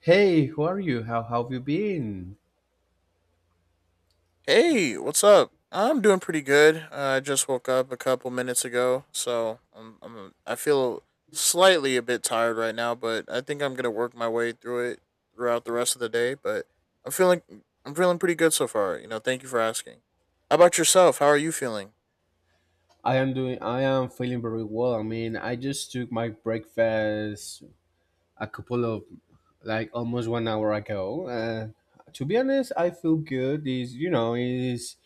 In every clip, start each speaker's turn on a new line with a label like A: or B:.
A: Hey, who are you? How have you been?
B: Hey, what's up? I'm doing pretty good. I just woke up a couple minutes ago, so I feel slightly a bit tired right now, but I think I'm gonna work my way through it throughout the rest of the day. But I'm feeling I'm feeling pretty good so far. You know, thank you for asking. How about yourself? How are you feeling?
A: I am doing. I am feeling very well. I mean, I just took my breakfast a couple of, like almost 1 hour ago. And to be honest, I feel good. Is you know is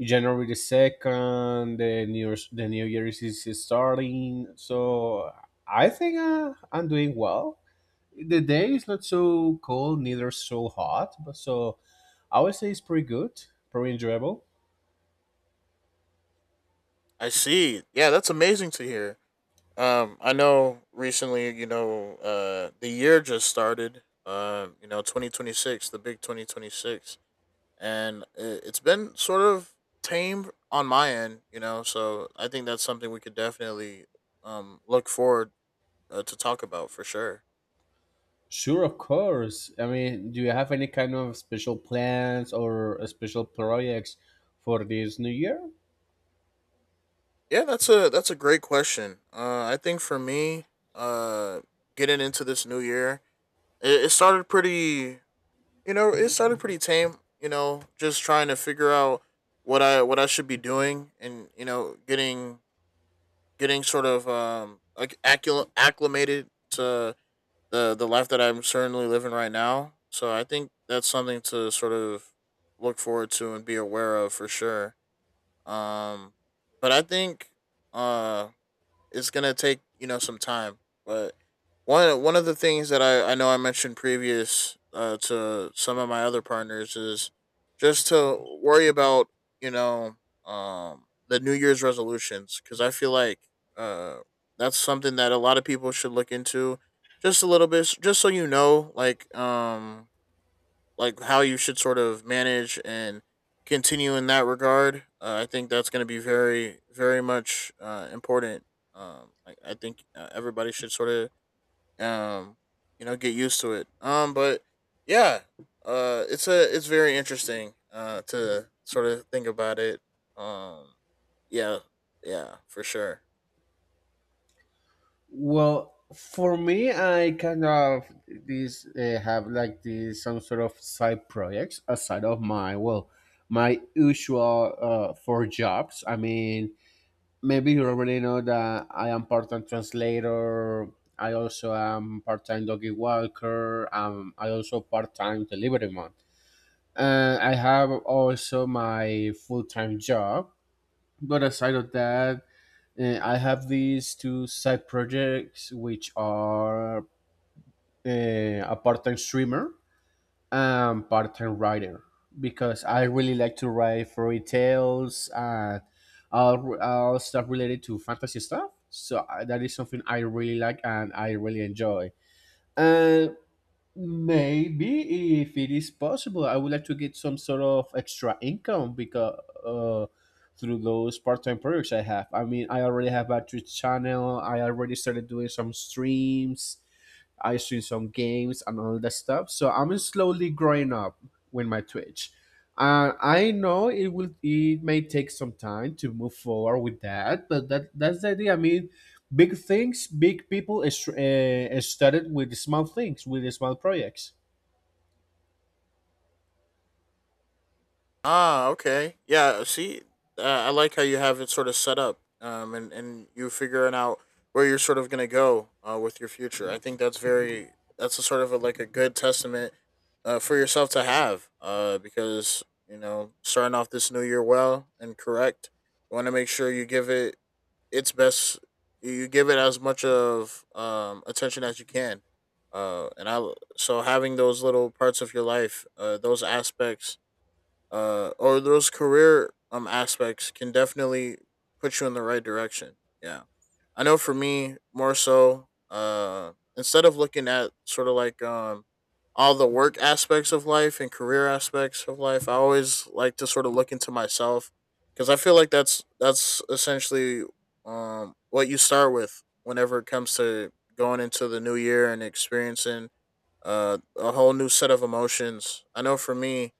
A: January the second. The new year is starting. So I think I'm doing well. The day is not so cold, neither so hot. But I would say it's pretty good, pretty enjoyable.
B: I see. Yeah, that's amazing to hear. I know recently, you know, the year just started. You know, 2026, the big 2026, and it's been sort of tame on my end, you know. So I think that's something we could definitely look forward to talk about for sure.
A: Sure, of course. I mean, do you have any kind of special plans or special projects for this new year?
B: Yeah, that's a great question. I think for me, uh, getting into this new year, it started pretty, you know, it started pretty tame. You know, just trying to figure out what I should be doing, and you know, getting sort of acclimated to the life that I'm certainly living right now. So I think that's something to sort of look forward to and be aware of for sure. Um, but I think uh it's gonna take, you know, some time. But one of the things that I know I mentioned previous to some of my other partners is just to worry about, you know, the New Year's resolutions, because I feel like uh, that's something that a lot of people should look into just a little bit, just so you know, like how you should sort of manage and continue in that regard. I think that's going to be very, very much important. I think everybody should sort of, um, you know, get used to it. But yeah, it's very interesting to sort of think about it. Um, yeah, yeah, for sure.
A: Well, for me, I kind of this have like this some sort of side projects aside of my well, my usual four jobs. I mean, maybe you already know that I am part-time translator. I also am part-time doggy walker. I also part-time delivery man. And I have also my full time job. But aside of that, I have these two side projects, which are a part time streamer and part time writer, because I really like to write fairy tales and all stuff related to fantasy stuff. So I, that is something I really like and I really enjoy. And maybe if it is possible, I would like to get some sort of extra income because through those part-time projects I have. I mean, I already have a Twitch channel. I already started doing some streams. I stream some games and all that stuff. So I'm slowly growing up with my Twitch. I know it will. It may take some time to move forward with that, but that's the idea. I mean, big things, big people is started with small things, with small projects.
B: Ah, okay. Yeah, see, I like how you have it sort of set up, and you figuring out where you're sort of gonna go with your future. I think that's very that's a sort of a, like a good testament for yourself to have, because you know starting off this new year well and correct, you want to make sure you give it its best. You give it as much of attention as you can, and I so having those little parts of your life, those aspects or those career aspects can definitely put you in the right direction. Yeah, I know for me more so. Instead of looking at sort of all the work aspects of life and career aspects of life, I always like to sort of look into myself because I feel like that's essentially what you start with whenever it comes to going into the new year and experiencing a whole new set of emotions. I know for me,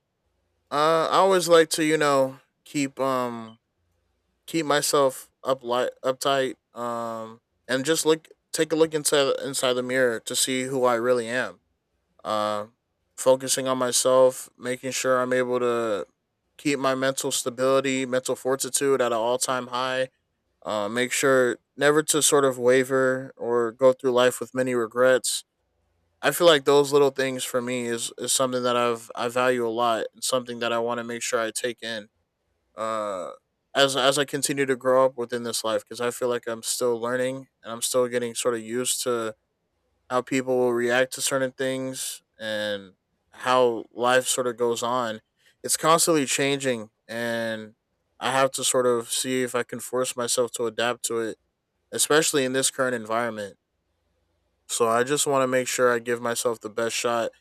B: I always like to, you know, keep um keep myself up light, uptight, and just look take a look inside the mirror to see who I really am. Uh, Focusing on myself, making sure I'm able to keep my mental stability, mental fortitude at an all time high. Make sure never to sort of waver or go through life with many regrets. I feel like those little things for me is something that I value a lot and something that I want to make sure I take in uh, as I continue to grow up within this life, because I feel like I'm still learning and I'm still getting sort of used to how people will react to certain things and how life sort of goes on. It's constantly changing, and I have to sort of see if I can force myself to adapt to it, especially in this current environment. So I just want to make sure I give myself the best shot,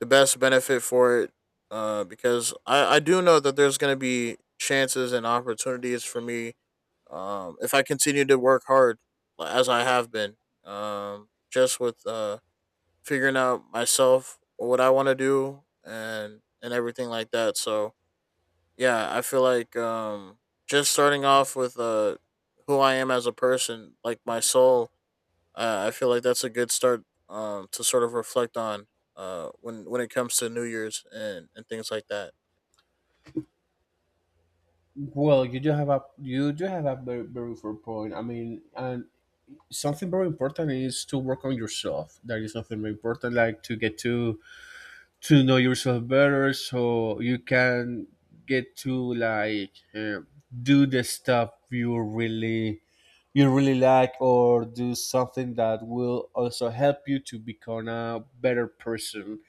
B: the best benefit for it, I do know that there's going to be chances and opportunities for me, if I continue to work hard like, as I have been, just with figuring out myself what I want to do and everything like that. So yeah, I feel like just starting off with who I am as a person, like my soul. I feel like that's a good start to sort of reflect on when it comes to New Year's and things like that.
A: Well, you do have a very, very fair point. I mean, and something very important is to work on yourself. That is something very important, like to get to know yourself better, so you can get to like do the stuff you really like, or do something that will also help you to become a better person.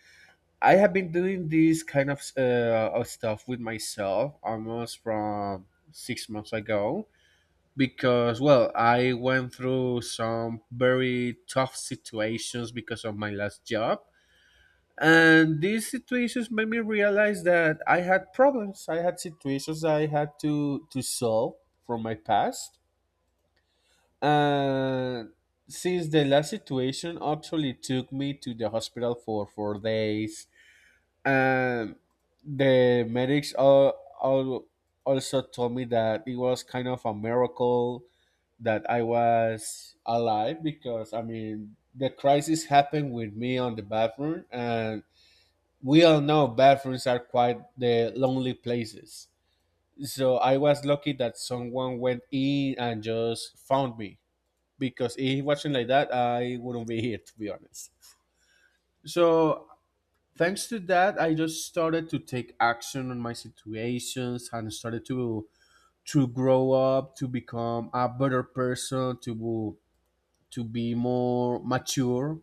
A: I have been doing this kind of stuff with myself almost from 6 months ago because, well, I went through some very tough situations because of my last job. And these situations made me realize that I had problems. I had situations I had to solve from my past. And since the last situation actually took me to the hospital for 4 days and the medics all also told me that it was kind of a miracle that I was alive, because I mean the crisis happened with me on the bathroom and we all know bathrooms are quite the lonely places. So I was lucky that someone went in and just found me, because if it wasn't like that, I wouldn't be here to be honest. So thanks to that, I just started to take action on my situations and started to grow up, to become a better person, to be more mature,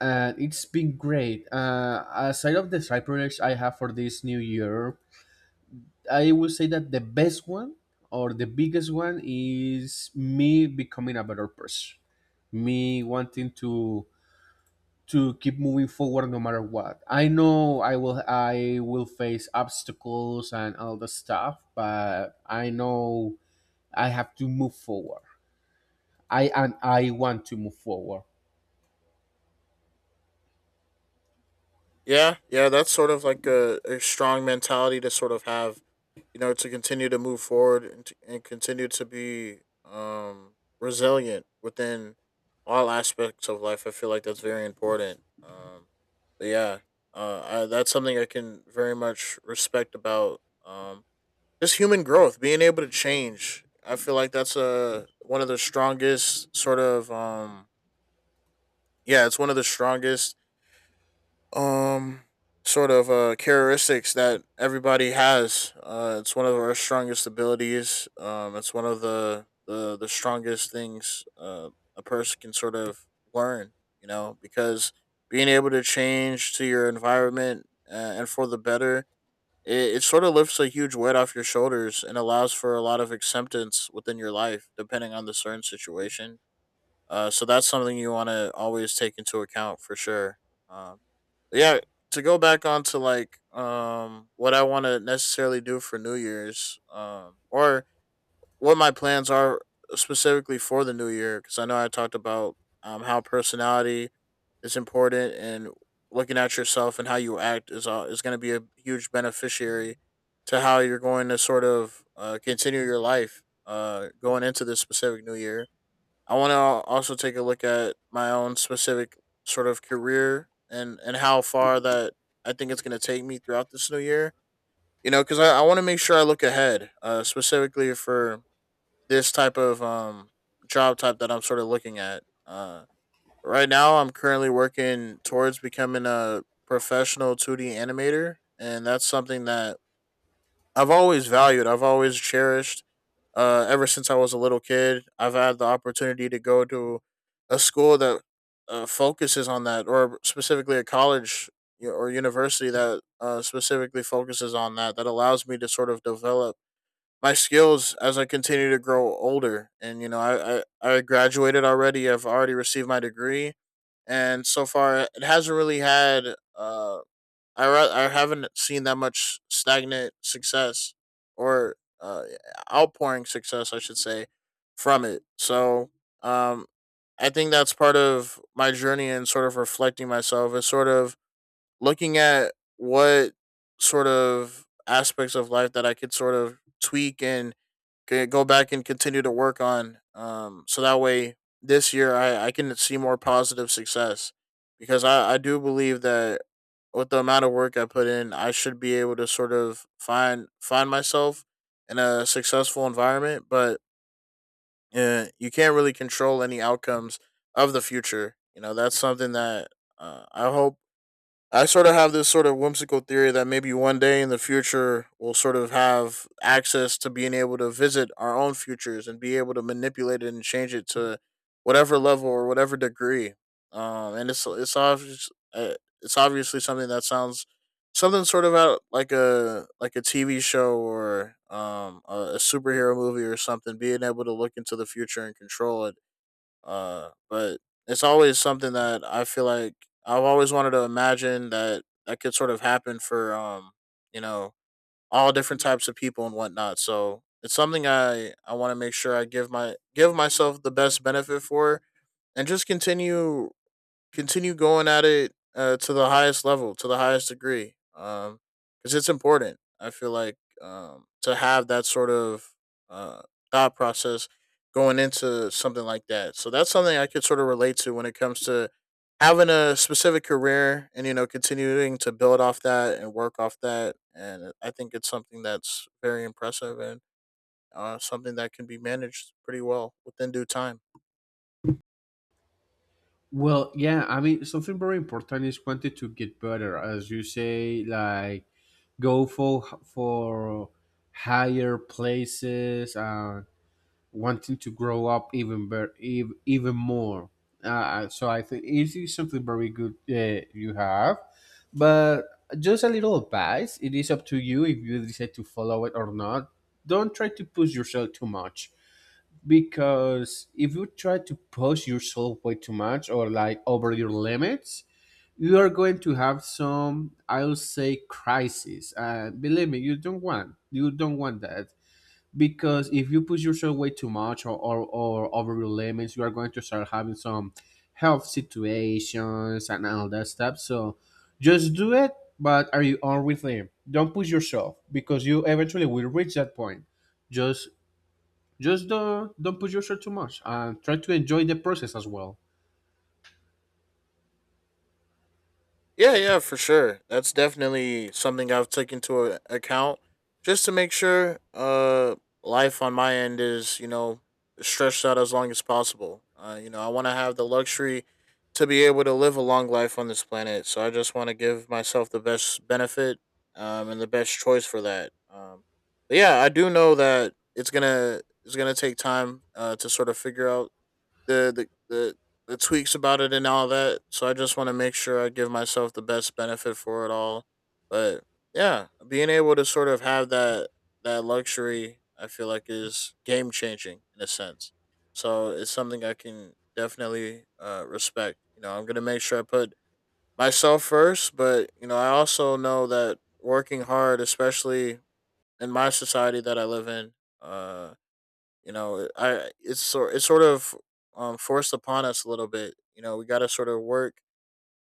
A: and it's been great. Aside of the cyberplex I have for this new year, I will say that the best one or the biggest one is me becoming a better person, me wanting to keep moving forward no matter what. I know I will face obstacles and all the stuff, but I know I have to move forward. I and I want to move forward.
B: Yeah, yeah, that's sort of like a strong mentality to sort of have, you know, to continue to move forward and continue to be um, resilient within all aspects of life. I feel like that's very important. But yeah, that's something I can very much respect about, um, just human growth, being able to change. I feel like that's a one of the strongest sort of yeah, it's one of the strongest um sort of characteristics that everybody has. It's one of our strongest abilities. It's one of the strongest things a person can sort of learn, you know, because being able to change to your environment and for the better, it sort of lifts a huge weight off your shoulders and allows for a lot of acceptance within your life, depending on the certain situation. So that's something you want to always take into account for sure. Um, yeah to go back on to what I want to necessarily do for New Year's or what my plans are specifically for the new year, because I know I talked about how personality is important, and looking at yourself and how you act is going to be a huge beneficiary to how you're going to sort of continue your life going into this specific new year. I want to also take a look at my own specific sort of career and how far that I think it's going to take me throughout this new year. You know, because I want to make sure I look ahead, specifically for this type of job type that I'm sort of looking at. Right now, I'm currently working towards becoming a professional 2D animator, and that's something that I've always valued. I've always cherished ever since I was a little kid. I've had the opportunity to go to a school that focuses on that, or specifically a college or university that specifically focuses on that, that allows me to sort of develop my skills as I continue to grow older. And, you know, I graduated already, I've already received my degree. And so far, it hasn't really had. Uh, I haven't seen that much stagnant success or uh, outpouring success, I should say, from it. So um, I think that's part of my journey, and sort of reflecting myself is sort of looking at what sort of aspects of life that I could sort of tweak and go back and continue to work on. So that way this year I can see more positive success, because I do believe that with the amount of work I put in, I should be able to sort of find myself in a successful environment. But you can't really control any outcomes of the future. You know that's something that I hope I sort of have this sort of whimsical theory that maybe one day in the future we'll sort of have access to being able to visit our own futures and be able to manipulate it and change it to whatever level or whatever degree. And it's obvious it's obviously something that sounds something sort of out like a TV show or a superhero movie or something. Being able to look into the future and control it but it's always something that I feel like I've always wanted to imagine that that could sort of happen for, you know, all different types of people and whatnot. So it's something I want to make sure I give myself the best benefit for and just continue going at it to the highest level, to the highest degree, because it's important. I feel like, to have that sort of uh, thought process going into something like that. So that's something I could sort of relate to when it comes to having a specific career and you know continuing to build off that and work off that. And I think it's something that's very impressive and something that can be managed pretty well within due time.
A: Well, yeah, I mean something very important is wanting to get better, as you say, like go for higher places and wanting to grow up even better, even more. So I think it is something very good you have, but just a little advice. It is up to you if you decide to follow it or not. Don't try to push yourself too much, because if you try to push yourself way too much or like over your limits, you are going to have some, I'll say, crisis. And believe me, you don't want that, because if you push yourself way too much or over your limits, you are going to start having some health situations and all that stuff. So just do it, but are you on with them, don't push yourself because you eventually will reach that point. Just just don't push yourself too much and try to enjoy the process as well.
B: Yeah, yeah, for sure. That's definitely something I've taken into account just to make sure life on my end is, you know, stretched out as long as possible. You know, I want to have the luxury to be able to live a long life on this planet. So I just want to give myself the best benefit and the best choice for that. But yeah, I do know that it's going to take time to sort of figure out the the tweaks about it and all that. So I just want to make sure I give myself the best benefit for it all. But yeah, being able to sort of have that luxury, I feel like is game changing in a sense. So it's something I can definitely respect. You know, I'm gonna make sure I put myself first, but you know, I also know that working hard, especially in my society that I live in, uh, you know I it's sort of forced upon us a little bit. You know, we got to sort of work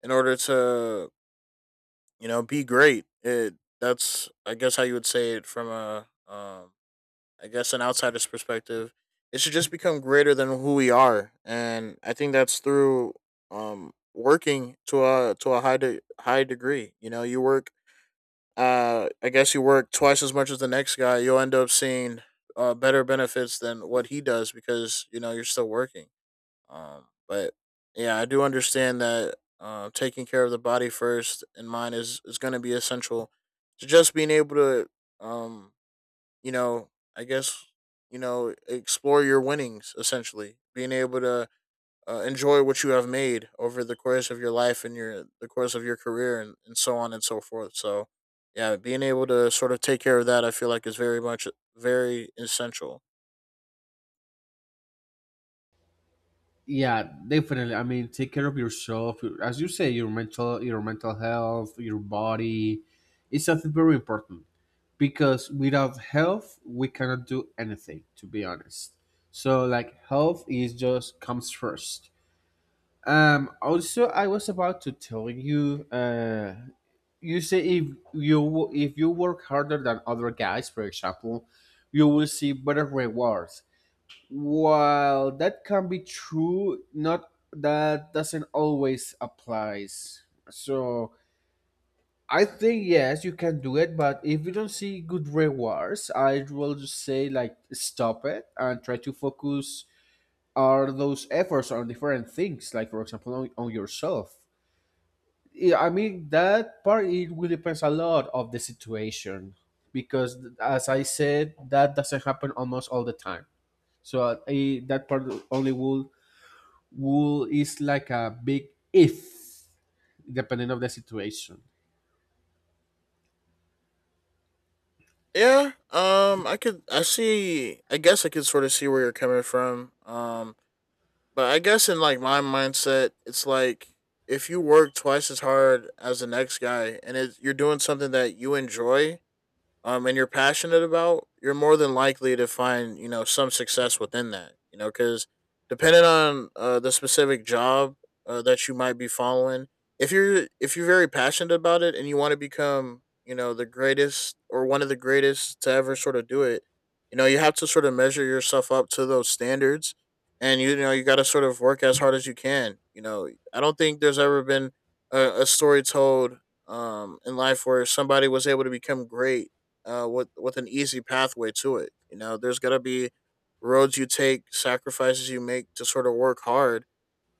B: in order to, you know, be great. It That's, I guess, how you would say it from a um I guess an outsider's perspective. It should just become greater than who we are, and I think that's through working to a high degree. You know, you work I guess you work twice as much as the next guy, you'll end up seeing better benefits than what he does because you know you're still working. But yeah, I do understand that taking care of the body first in mind is going to be essential to just being able to, um, you know, I guess, you know, explore your winnings essentially, being able to enjoy what you have made over the course of your life and your the course of your career and so on and so forth. So yeah, being able to sort of take care of that, I feel like is very much very essential.
A: Yeah, definitely. I mean, take care of yourself, as you say, your mental health, your body. It's something very important, because without health we cannot do anything to be honest. So like health is just comes first. Also I was about to tell you, you say if if you work harder than other guys, for example, you will see better rewards. While that can be true, not that doesn't always applies. So I think yes, you can do it, but if you don't see good rewards, I will just say like stop it and try to focus are those efforts on different things, like for example on yourself. Yeah, I mean that part it will depends a lot of the situation, because as I said, that doesn't happen almost all the time. So that part only will is like a big if depending of the situation.
B: Yeah, I guess I could sort of see where you're coming from. But I guess in like my mindset, it's like if you work twice as hard as the next guy and you're doing something that you enjoy and you're passionate about, you're more than likely to find, you know, some success within that. You know, cuz depending on the specific job that you might be following, if you're very passionate about it and you want to become, you know, the greatest or one of the greatest to ever sort of do it, you know, you have to sort of measure yourself up to those standards, and you know, you got to sort of work as hard as you can. You know, I don't think there's ever been a story told in life where somebody was able to become great with an easy pathway to it. You know, there's got to be roads you take, sacrifices you make to sort of work hard.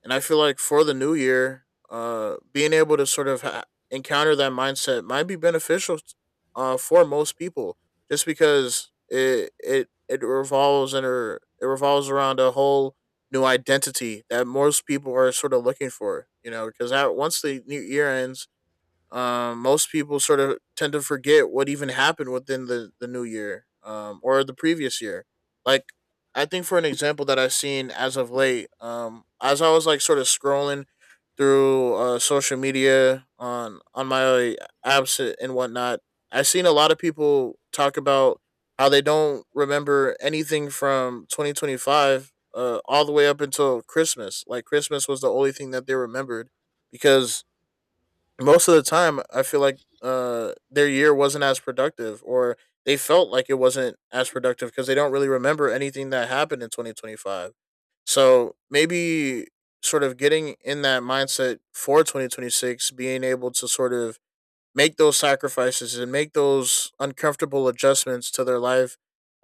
B: And I feel like for the new year, being able to sort of encounter that mindset might be beneficial for most people, just because it revolves and it revolves around a whole new identity that most people are sort of looking for. You know, because once the new year ends, most people sort of tend to forget what even happened within the new year or the previous year. Like, I think for an example that I've seen as of late, as I was like sort of scrolling through social media on my apps and whatnot, I've seen a lot of people talk about how they don't remember anything from 2025 all the way up until Christmas. Like Christmas was the only thing that they remembered because most of the time I feel like their year wasn't as productive, or they felt like it wasn't as productive because they don't really remember anything that happened in 2025. So maybe sort of getting in that mindset for 2026, being able to sort of make those sacrifices and make those uncomfortable adjustments to their life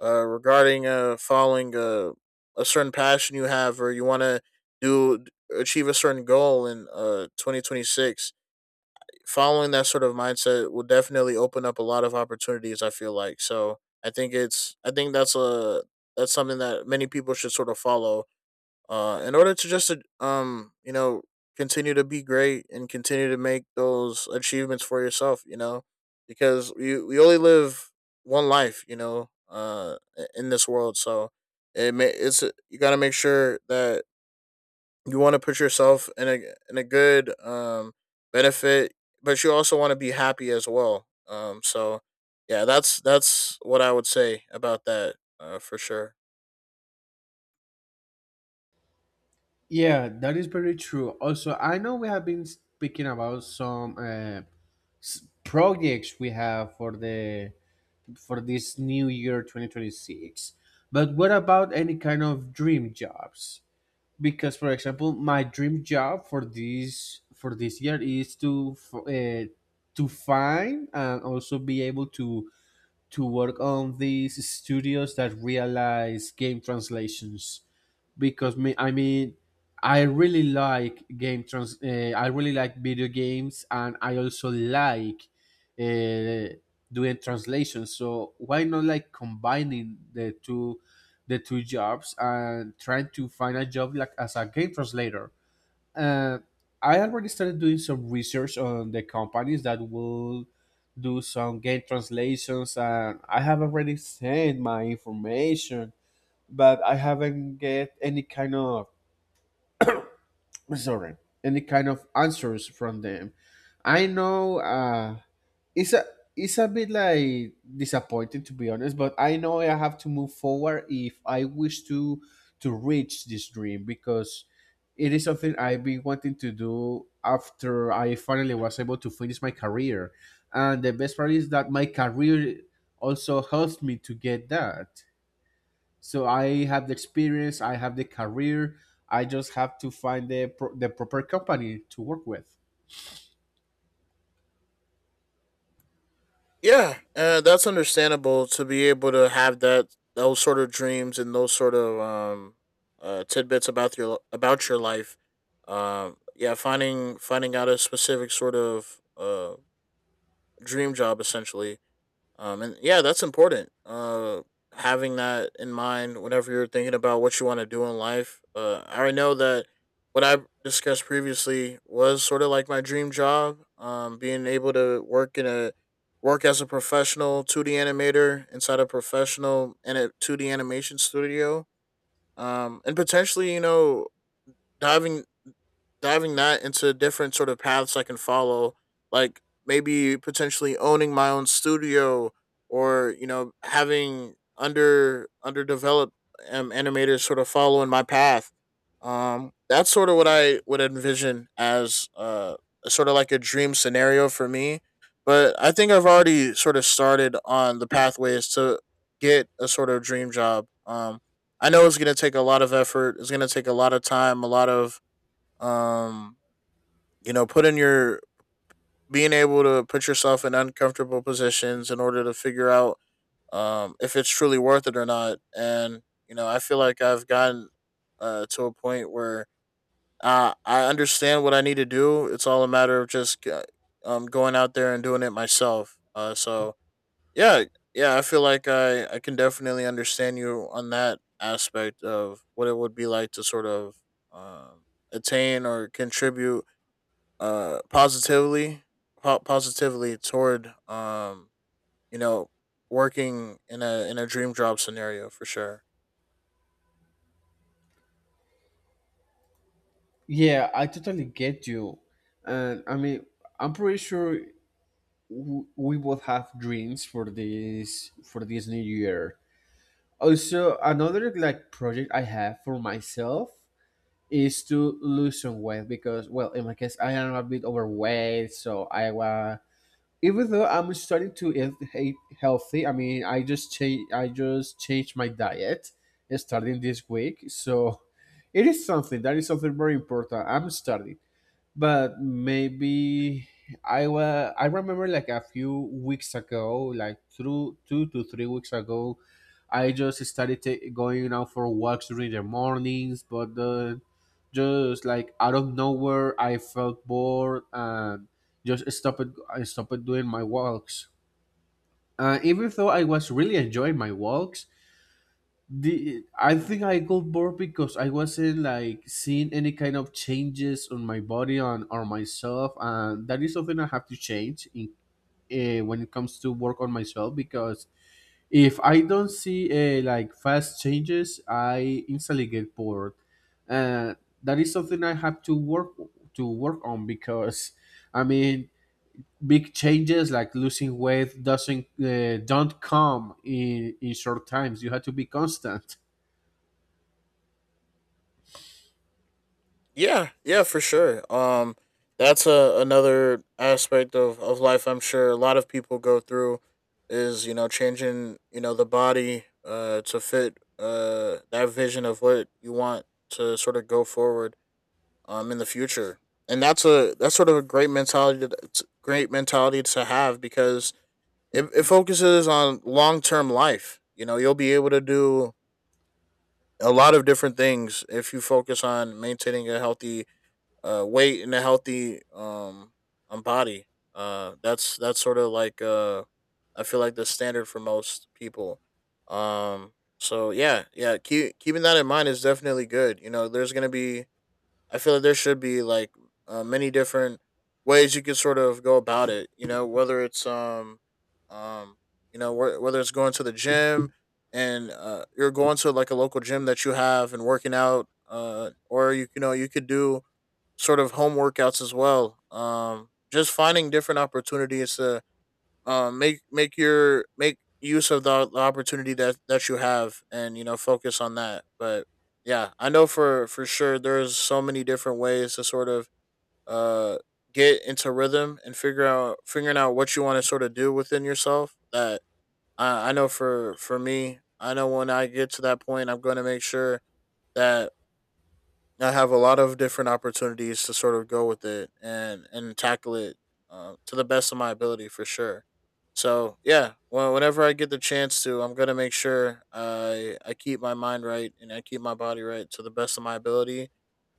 B: regarding following a certain passion you have, or you want to do achieve a certain goal in 2026, following that sort of mindset will definitely open up a lot of opportunities, I feel like. So I think that's a that's something that many people should sort of follow in order to just you know continue to be great and continue to make those achievements for yourself, you know, because we only live one life, you know, in this world. So it's you got to make sure that you want to put yourself in a good benefit, but you also want to be happy as well. So yeah, that's what I would say about that for sure.
A: Yeah, that is very true. Also, I know we have been speaking about some projects we have for the for this new year 2026. But what about any kind of dream jobs? Because, for example, my dream job for this year is to to find and also be able to work on these studios that realize game translations, because me I mean I really like video games and I also like uh, doing translations. So why not like combining the two jobs and trying to find a job like as a game translator. uh, I already started doing some research on the companies that will do some game translations and I have already sent my information, but I haven't get any kind of sorry any kind of answers from them. I know it's a it's a bit like disappointing to be honest, but I know I have to move forward if I wish to reach this dream, because it is something I've been wanting to do after I finally was able to finish my career, and the best part is that my career also helps me to get that. So I have the experience, I have the career. I just have to find the the proper company to work with.
B: Yeah, that's understandable, to be able to have that, those sort of dreams and those sort of tidbits about your life. Yeah, finding out a specific sort of dream job essentially. And yeah, that's important. Having that in mind whenever you're thinking about what you want to do in life. I already know that what I discussed previously was sort of like my dream job. Being able to work as a professional 2D animator inside a professional and a 2D animation studio. And potentially, you know, diving diving that into different sort of paths I can follow, like maybe potentially owning my own studio, or you know having underdeveloped animators sort of following my path. That's sort of what I would envision as sort of like a dream scenario for me. But I think I've already sort of started on the pathways to get a sort of dream job. I know it's going to take a lot of effort. It's going to take a lot of time, a lot of um you know put in your being able to put yourself in uncomfortable positions in order to figure out if it's truly worth it or not. And you know, I feel like I've gotten to a point where I understand what I need to do. It's all a matter of just going out there and doing it myself. So yeah, yeah, I feel like I can definitely understand you on that aspect of what it would be like to sort of um attain or contribute positively, positively toward you know working in a dream job scenario for sure.
A: Yeah, I totally get you. And I mean, I'm pretty sure we both have dreams for this new year. Also, another like project I have for myself is to lose some weight because, well, in my case, I am a bit overweight, so I was even though I'm starting to eat healthy, I mean, I just changed my diet starting this week. So it is something that is something very important. I'm starting, but maybe I remember like a few weeks ago like through 2 to 3 weeks ago I just started going out for walks during the mornings, but just like out of nowhere I felt bored and just stopped. I stopped doing my walks, even though I was really enjoying my walks. The I think I got bored because I wasn't like seeing any kind of changes on my body on or myself, and that is something I have to change in when it comes to work on myself, because if I don't see like fast changes, I instantly get bored. Uh, that is something I have to work on, because I mean big changes like losing weight doesn't don't come in short times. You have to be constant.
B: Yeah, yeah, for sure. That's another aspect of life, I'm sure a lot of people go through, is you know changing you know the body to fit that vision of what you want to sort of go forward in the future. And that's a that's sort of a great mentality great mentality to have because it focuses on long term life. You know, you'll be able to do a lot of different things if you focus on maintaining a healthy weight and a healthy body. That's sort of like I feel like the standard for most people. Um, so yeah, yeah, keeping that in mind is definitely good. You know, there's gonna be I feel like there should be like many different ways you can sort of go about it. You know, whether it's um, you know, whether it's going to the gym and you're going to like a local gym that you have and working out, or you know you could do sort of home workouts as well. Just finding different opportunities to make use of the opportunity that that you have, and you know, focus on that. But yeah, I know for sure there's so many different ways to sort of uh get into rhythm and figure out figuring out what you want to sort of do within yourself. That I know for me, I know when I get to that point, I'm going to make sure that I have a lot of different opportunities to sort of go with it and tackle it, to the best of my ability for sure. So yeah, well, whenever I get the chance to, I'm gonna make sure I keep my mind right and I keep my body right to the best of my ability,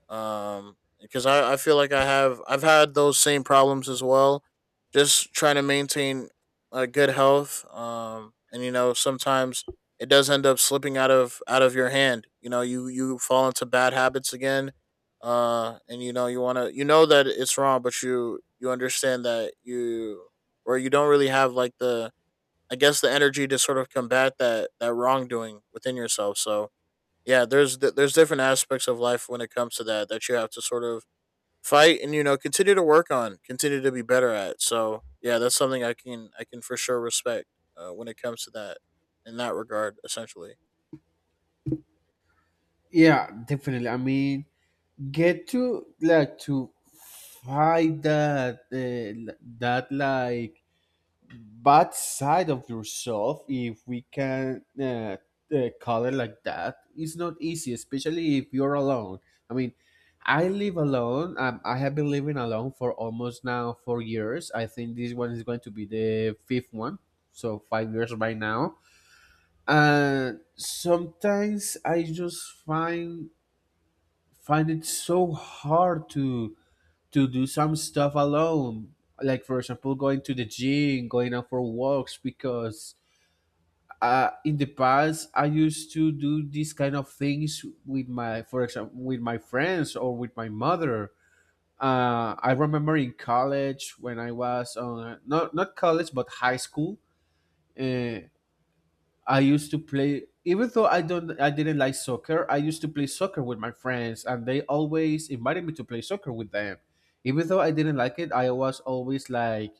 B: because I feel like I've had those same problems as well, just trying to maintain a good health, and you know sometimes it does end up slipping out of your hand. You know, you fall into bad habits again. And you know, you want to, you know that it's wrong, but you understand that you, or you don't really have like the, I guess, the energy to sort of combat that wrongdoing within yourself. So yeah, there's different aspects of life when it comes to that, that you have to sort of fight and, you know, continue to work on, continue to be better at. So yeah, that's something I can for sure respect when it comes to that, in that regard essentially.
A: Yeah, definitely. I mean, get to like to fight that that like bad side of yourself, if we can call it like that. It's not easy, especially if you're alone. I mean, I live alone. I have been living alone for almost now 4 years. I think this one is going to be the fifth one, so 5 years by now. And sometimes I just find it so hard to do some stuff alone, like for example going to the gym, going out for walks, because in the past I used to do these kind of things with my friends or with my mother. I remember in college, when I was on not not college but high school, uh, I used to play, even though I didn't like soccer, I used to play soccer with my friends, and they always invited me to play soccer with them. Even though I didn't like it, I was always like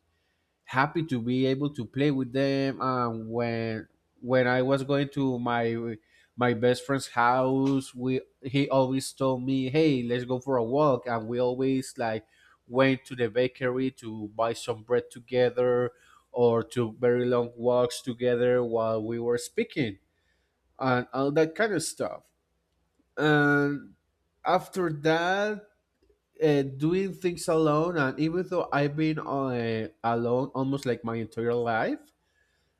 A: happy to be able to play with them. And when I was going to my best friend's house, we he always told me, "Hey, let's go for a walk," and we always like went to the bakery to buy some bread together, or to very long walks together while we were speaking and all that kind of stuff. And after that, doing things alone, and even though I've been alone almost like my entire life,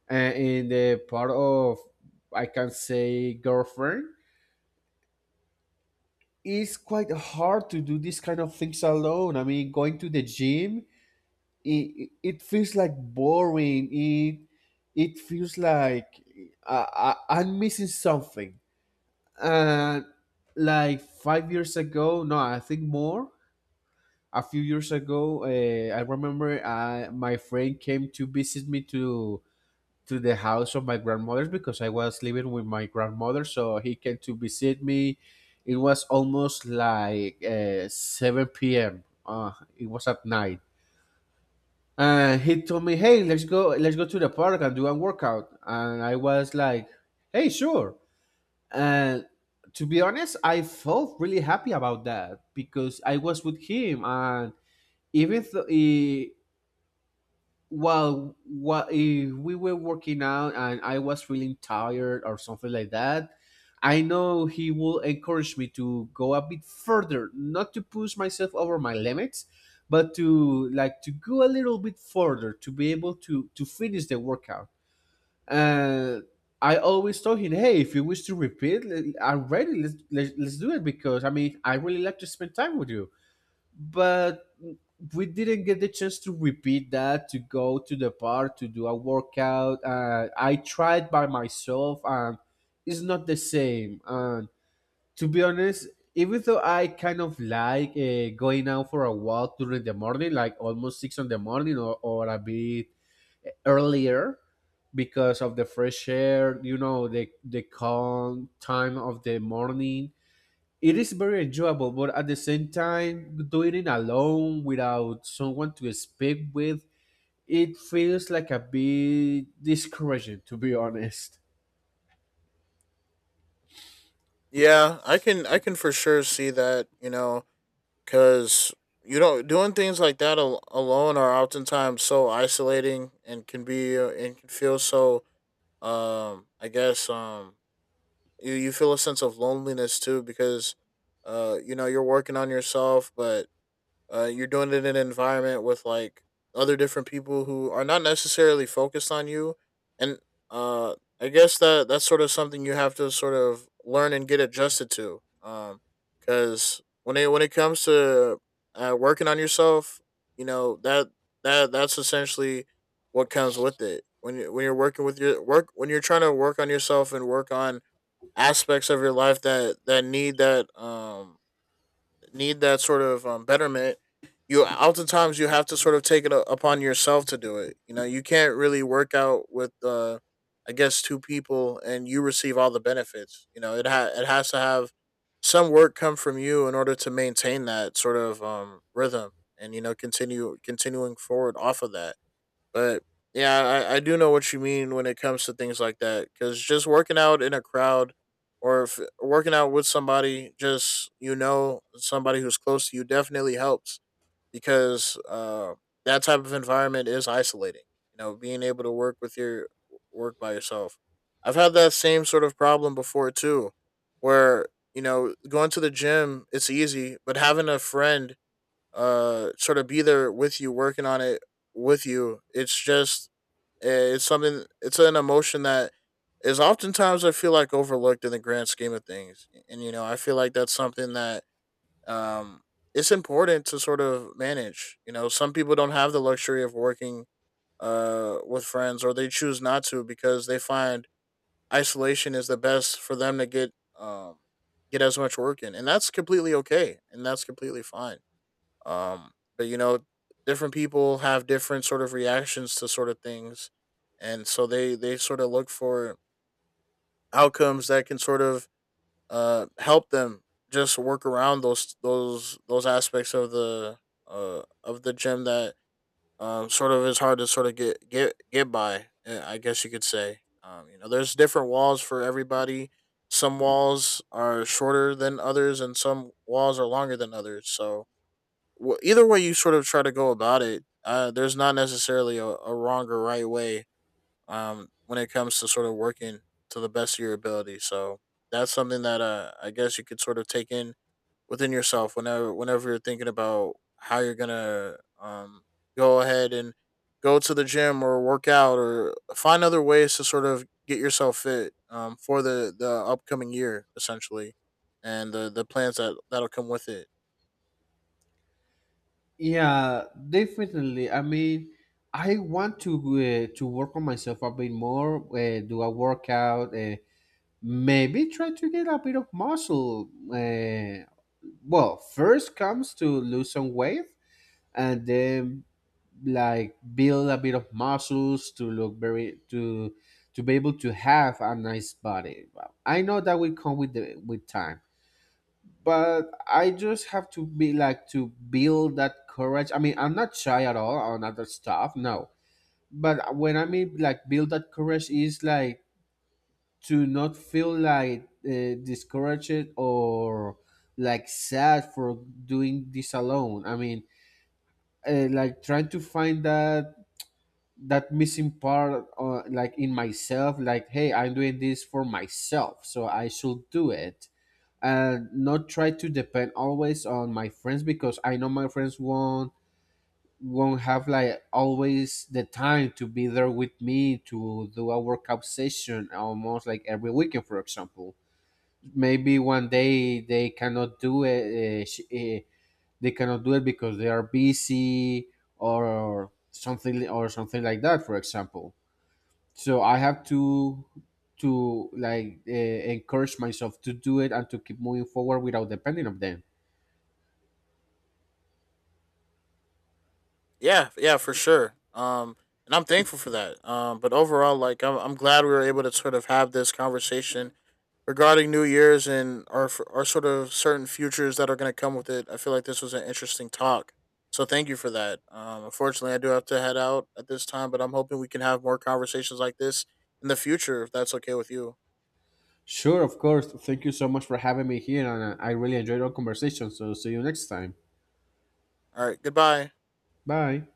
A: and in the part of, I can say, girlfriend, it's quite hard to do these kind of things alone. I mean, going to the gym, it feels like boring. It feels like I'm missing something. And like 5 years ago, no, I think more. A few years ago, I remember my friend came to visit me to the house of my grandmother's, because I was living with my grandmother, so he came to visit me. It was almost like 7 p.m. It was at night. And he told me, "Hey, let's go to the park and do a workout." And I was like, "Hey, sure." And to be honest, I felt really happy about that because I was with him, and even though, well, what if we were working out and I was really tired or something like that, I know he will encourage me to go a bit further, not to push myself over my limits, but to like to go a little bit further to be able to finish the workout. And I always told him, "Hey, if you wish to repeat, I'm ready, let's do it, because I mean I really like to spend time with you." But we didn't get the chance to repeat that, to go to the park to do a workout. I tried by myself, and it's not the same. And to be honest, even though I kind of like going out for a walk during the morning, like almost six in the morning, or a bit earlier, because of the fresh air, you know, the calm time of the morning, it is very enjoyable. But at the same time, doing it alone without someone to speak with, it feels like a bit discouraging, to be honest.
B: Yeah, I can for sure see that, you know, because you don't, doing things like that alone are oftentimes so isolating and can be and can feel so, I guess, you you feel a sense of loneliness too because, you know, you're working on yourself but, you're doing it in an environment with like other different people who are not necessarily focused on you. And uh I guess that that's sort of something you have to sort of learn and get adjusted to. Because when it comes to working on yourself, you know that that's essentially what comes with it. When you're working with your work, when you're trying to work on yourself and work on aspects of your life that need that, need that sort of betterment, you oftentimes you have to sort of take it upon yourself to do it. You know, you can't really work out with, I guess, two people and you receive all the benefits. You know, it has to have some work come from you in order to maintain that sort of rhythm, and, you know, continue continuing forward off of that. But yeah, I do know what you mean when it comes to things like that, because just working out in a crowd, or if working out with somebody, just, you know, somebody who's close to you definitely helps, because that type of environment is isolating. You know, being able to work with your, work by yourself. I've had that same sort of problem before too, where, you know, going to the gym, it's easy, but having a friend sort of be there with you working on it with you, it's just, it's something, it's an emotion that is oftentimes, I feel like, overlooked in the grand scheme of things. And you know, I feel like that's something that, um it's important to sort of manage. You know, some people don't have the luxury of working with friends, or they choose not to because they find isolation is the best for them to get, um get as much work in, and that's completely okay and that's completely fine. um, but, you know, different people have different sort of reactions to sort of things, and so they sort of look for outcomes that can sort of help them just work around those aspects of the gym that, sort of is hard to sort of get by, I guess you could say. You know, there's different walls for everybody. Some walls are shorter than others, and some walls are longer than others. So, either way you sort of try to go about it, there's not necessarily a wrong or right way, when it comes to sort of working to the best of your ability. So that's something that, I guess you could sort of take in within yourself, whenever you're thinking about how you're gonna, go ahead and go to the gym or work out or find other ways to sort of get yourself fit, for the upcoming year essentially, and the plans that that'll come with it.
A: Yeah, definitely. I mean, I want to work on myself a bit more, do a workout, maybe try to get a bit of muscle. Well, first comes to lose some weight, and then like build a bit of muscles to look very to be able to have a nice body. Well, I know that will come with the with time, but I just have to be like to build that courage. I mean, I'm not shy at all on other stuff, no. But when I mean like build that courage is like to not feel like discouraged, or like sad for doing this alone. I mean, like trying to find that missing part, like in myself, like, hey, I'm doing this for myself so I should do it, and not try to depend always on my friends, because I know my friends won't have like always the time to be there with me to do a workout session almost like every weekend, for example. Maybe one day they cannot do it, they cannot do it because they are busy or something, or something like that, for example. So I have to like encourage myself to do it and to keep moving forward without depending on them.
B: Yeah, yeah, for sure. And I'm thankful for that. But overall, like, I'm glad we were able to sort of have this conversation regarding New Year's and our sort of certain futures that are going to come with it. I feel like this was an interesting talk. So thank you for that. Unfortunately, I do have to head out at this time, but I'm hoping we can have more conversations like this in the future if that's okay with you.
A: Sure, of course. Thank you so much for having me here, and I really enjoyed our conversation. So see you next time.
B: All right, goodbye.
A: Bye.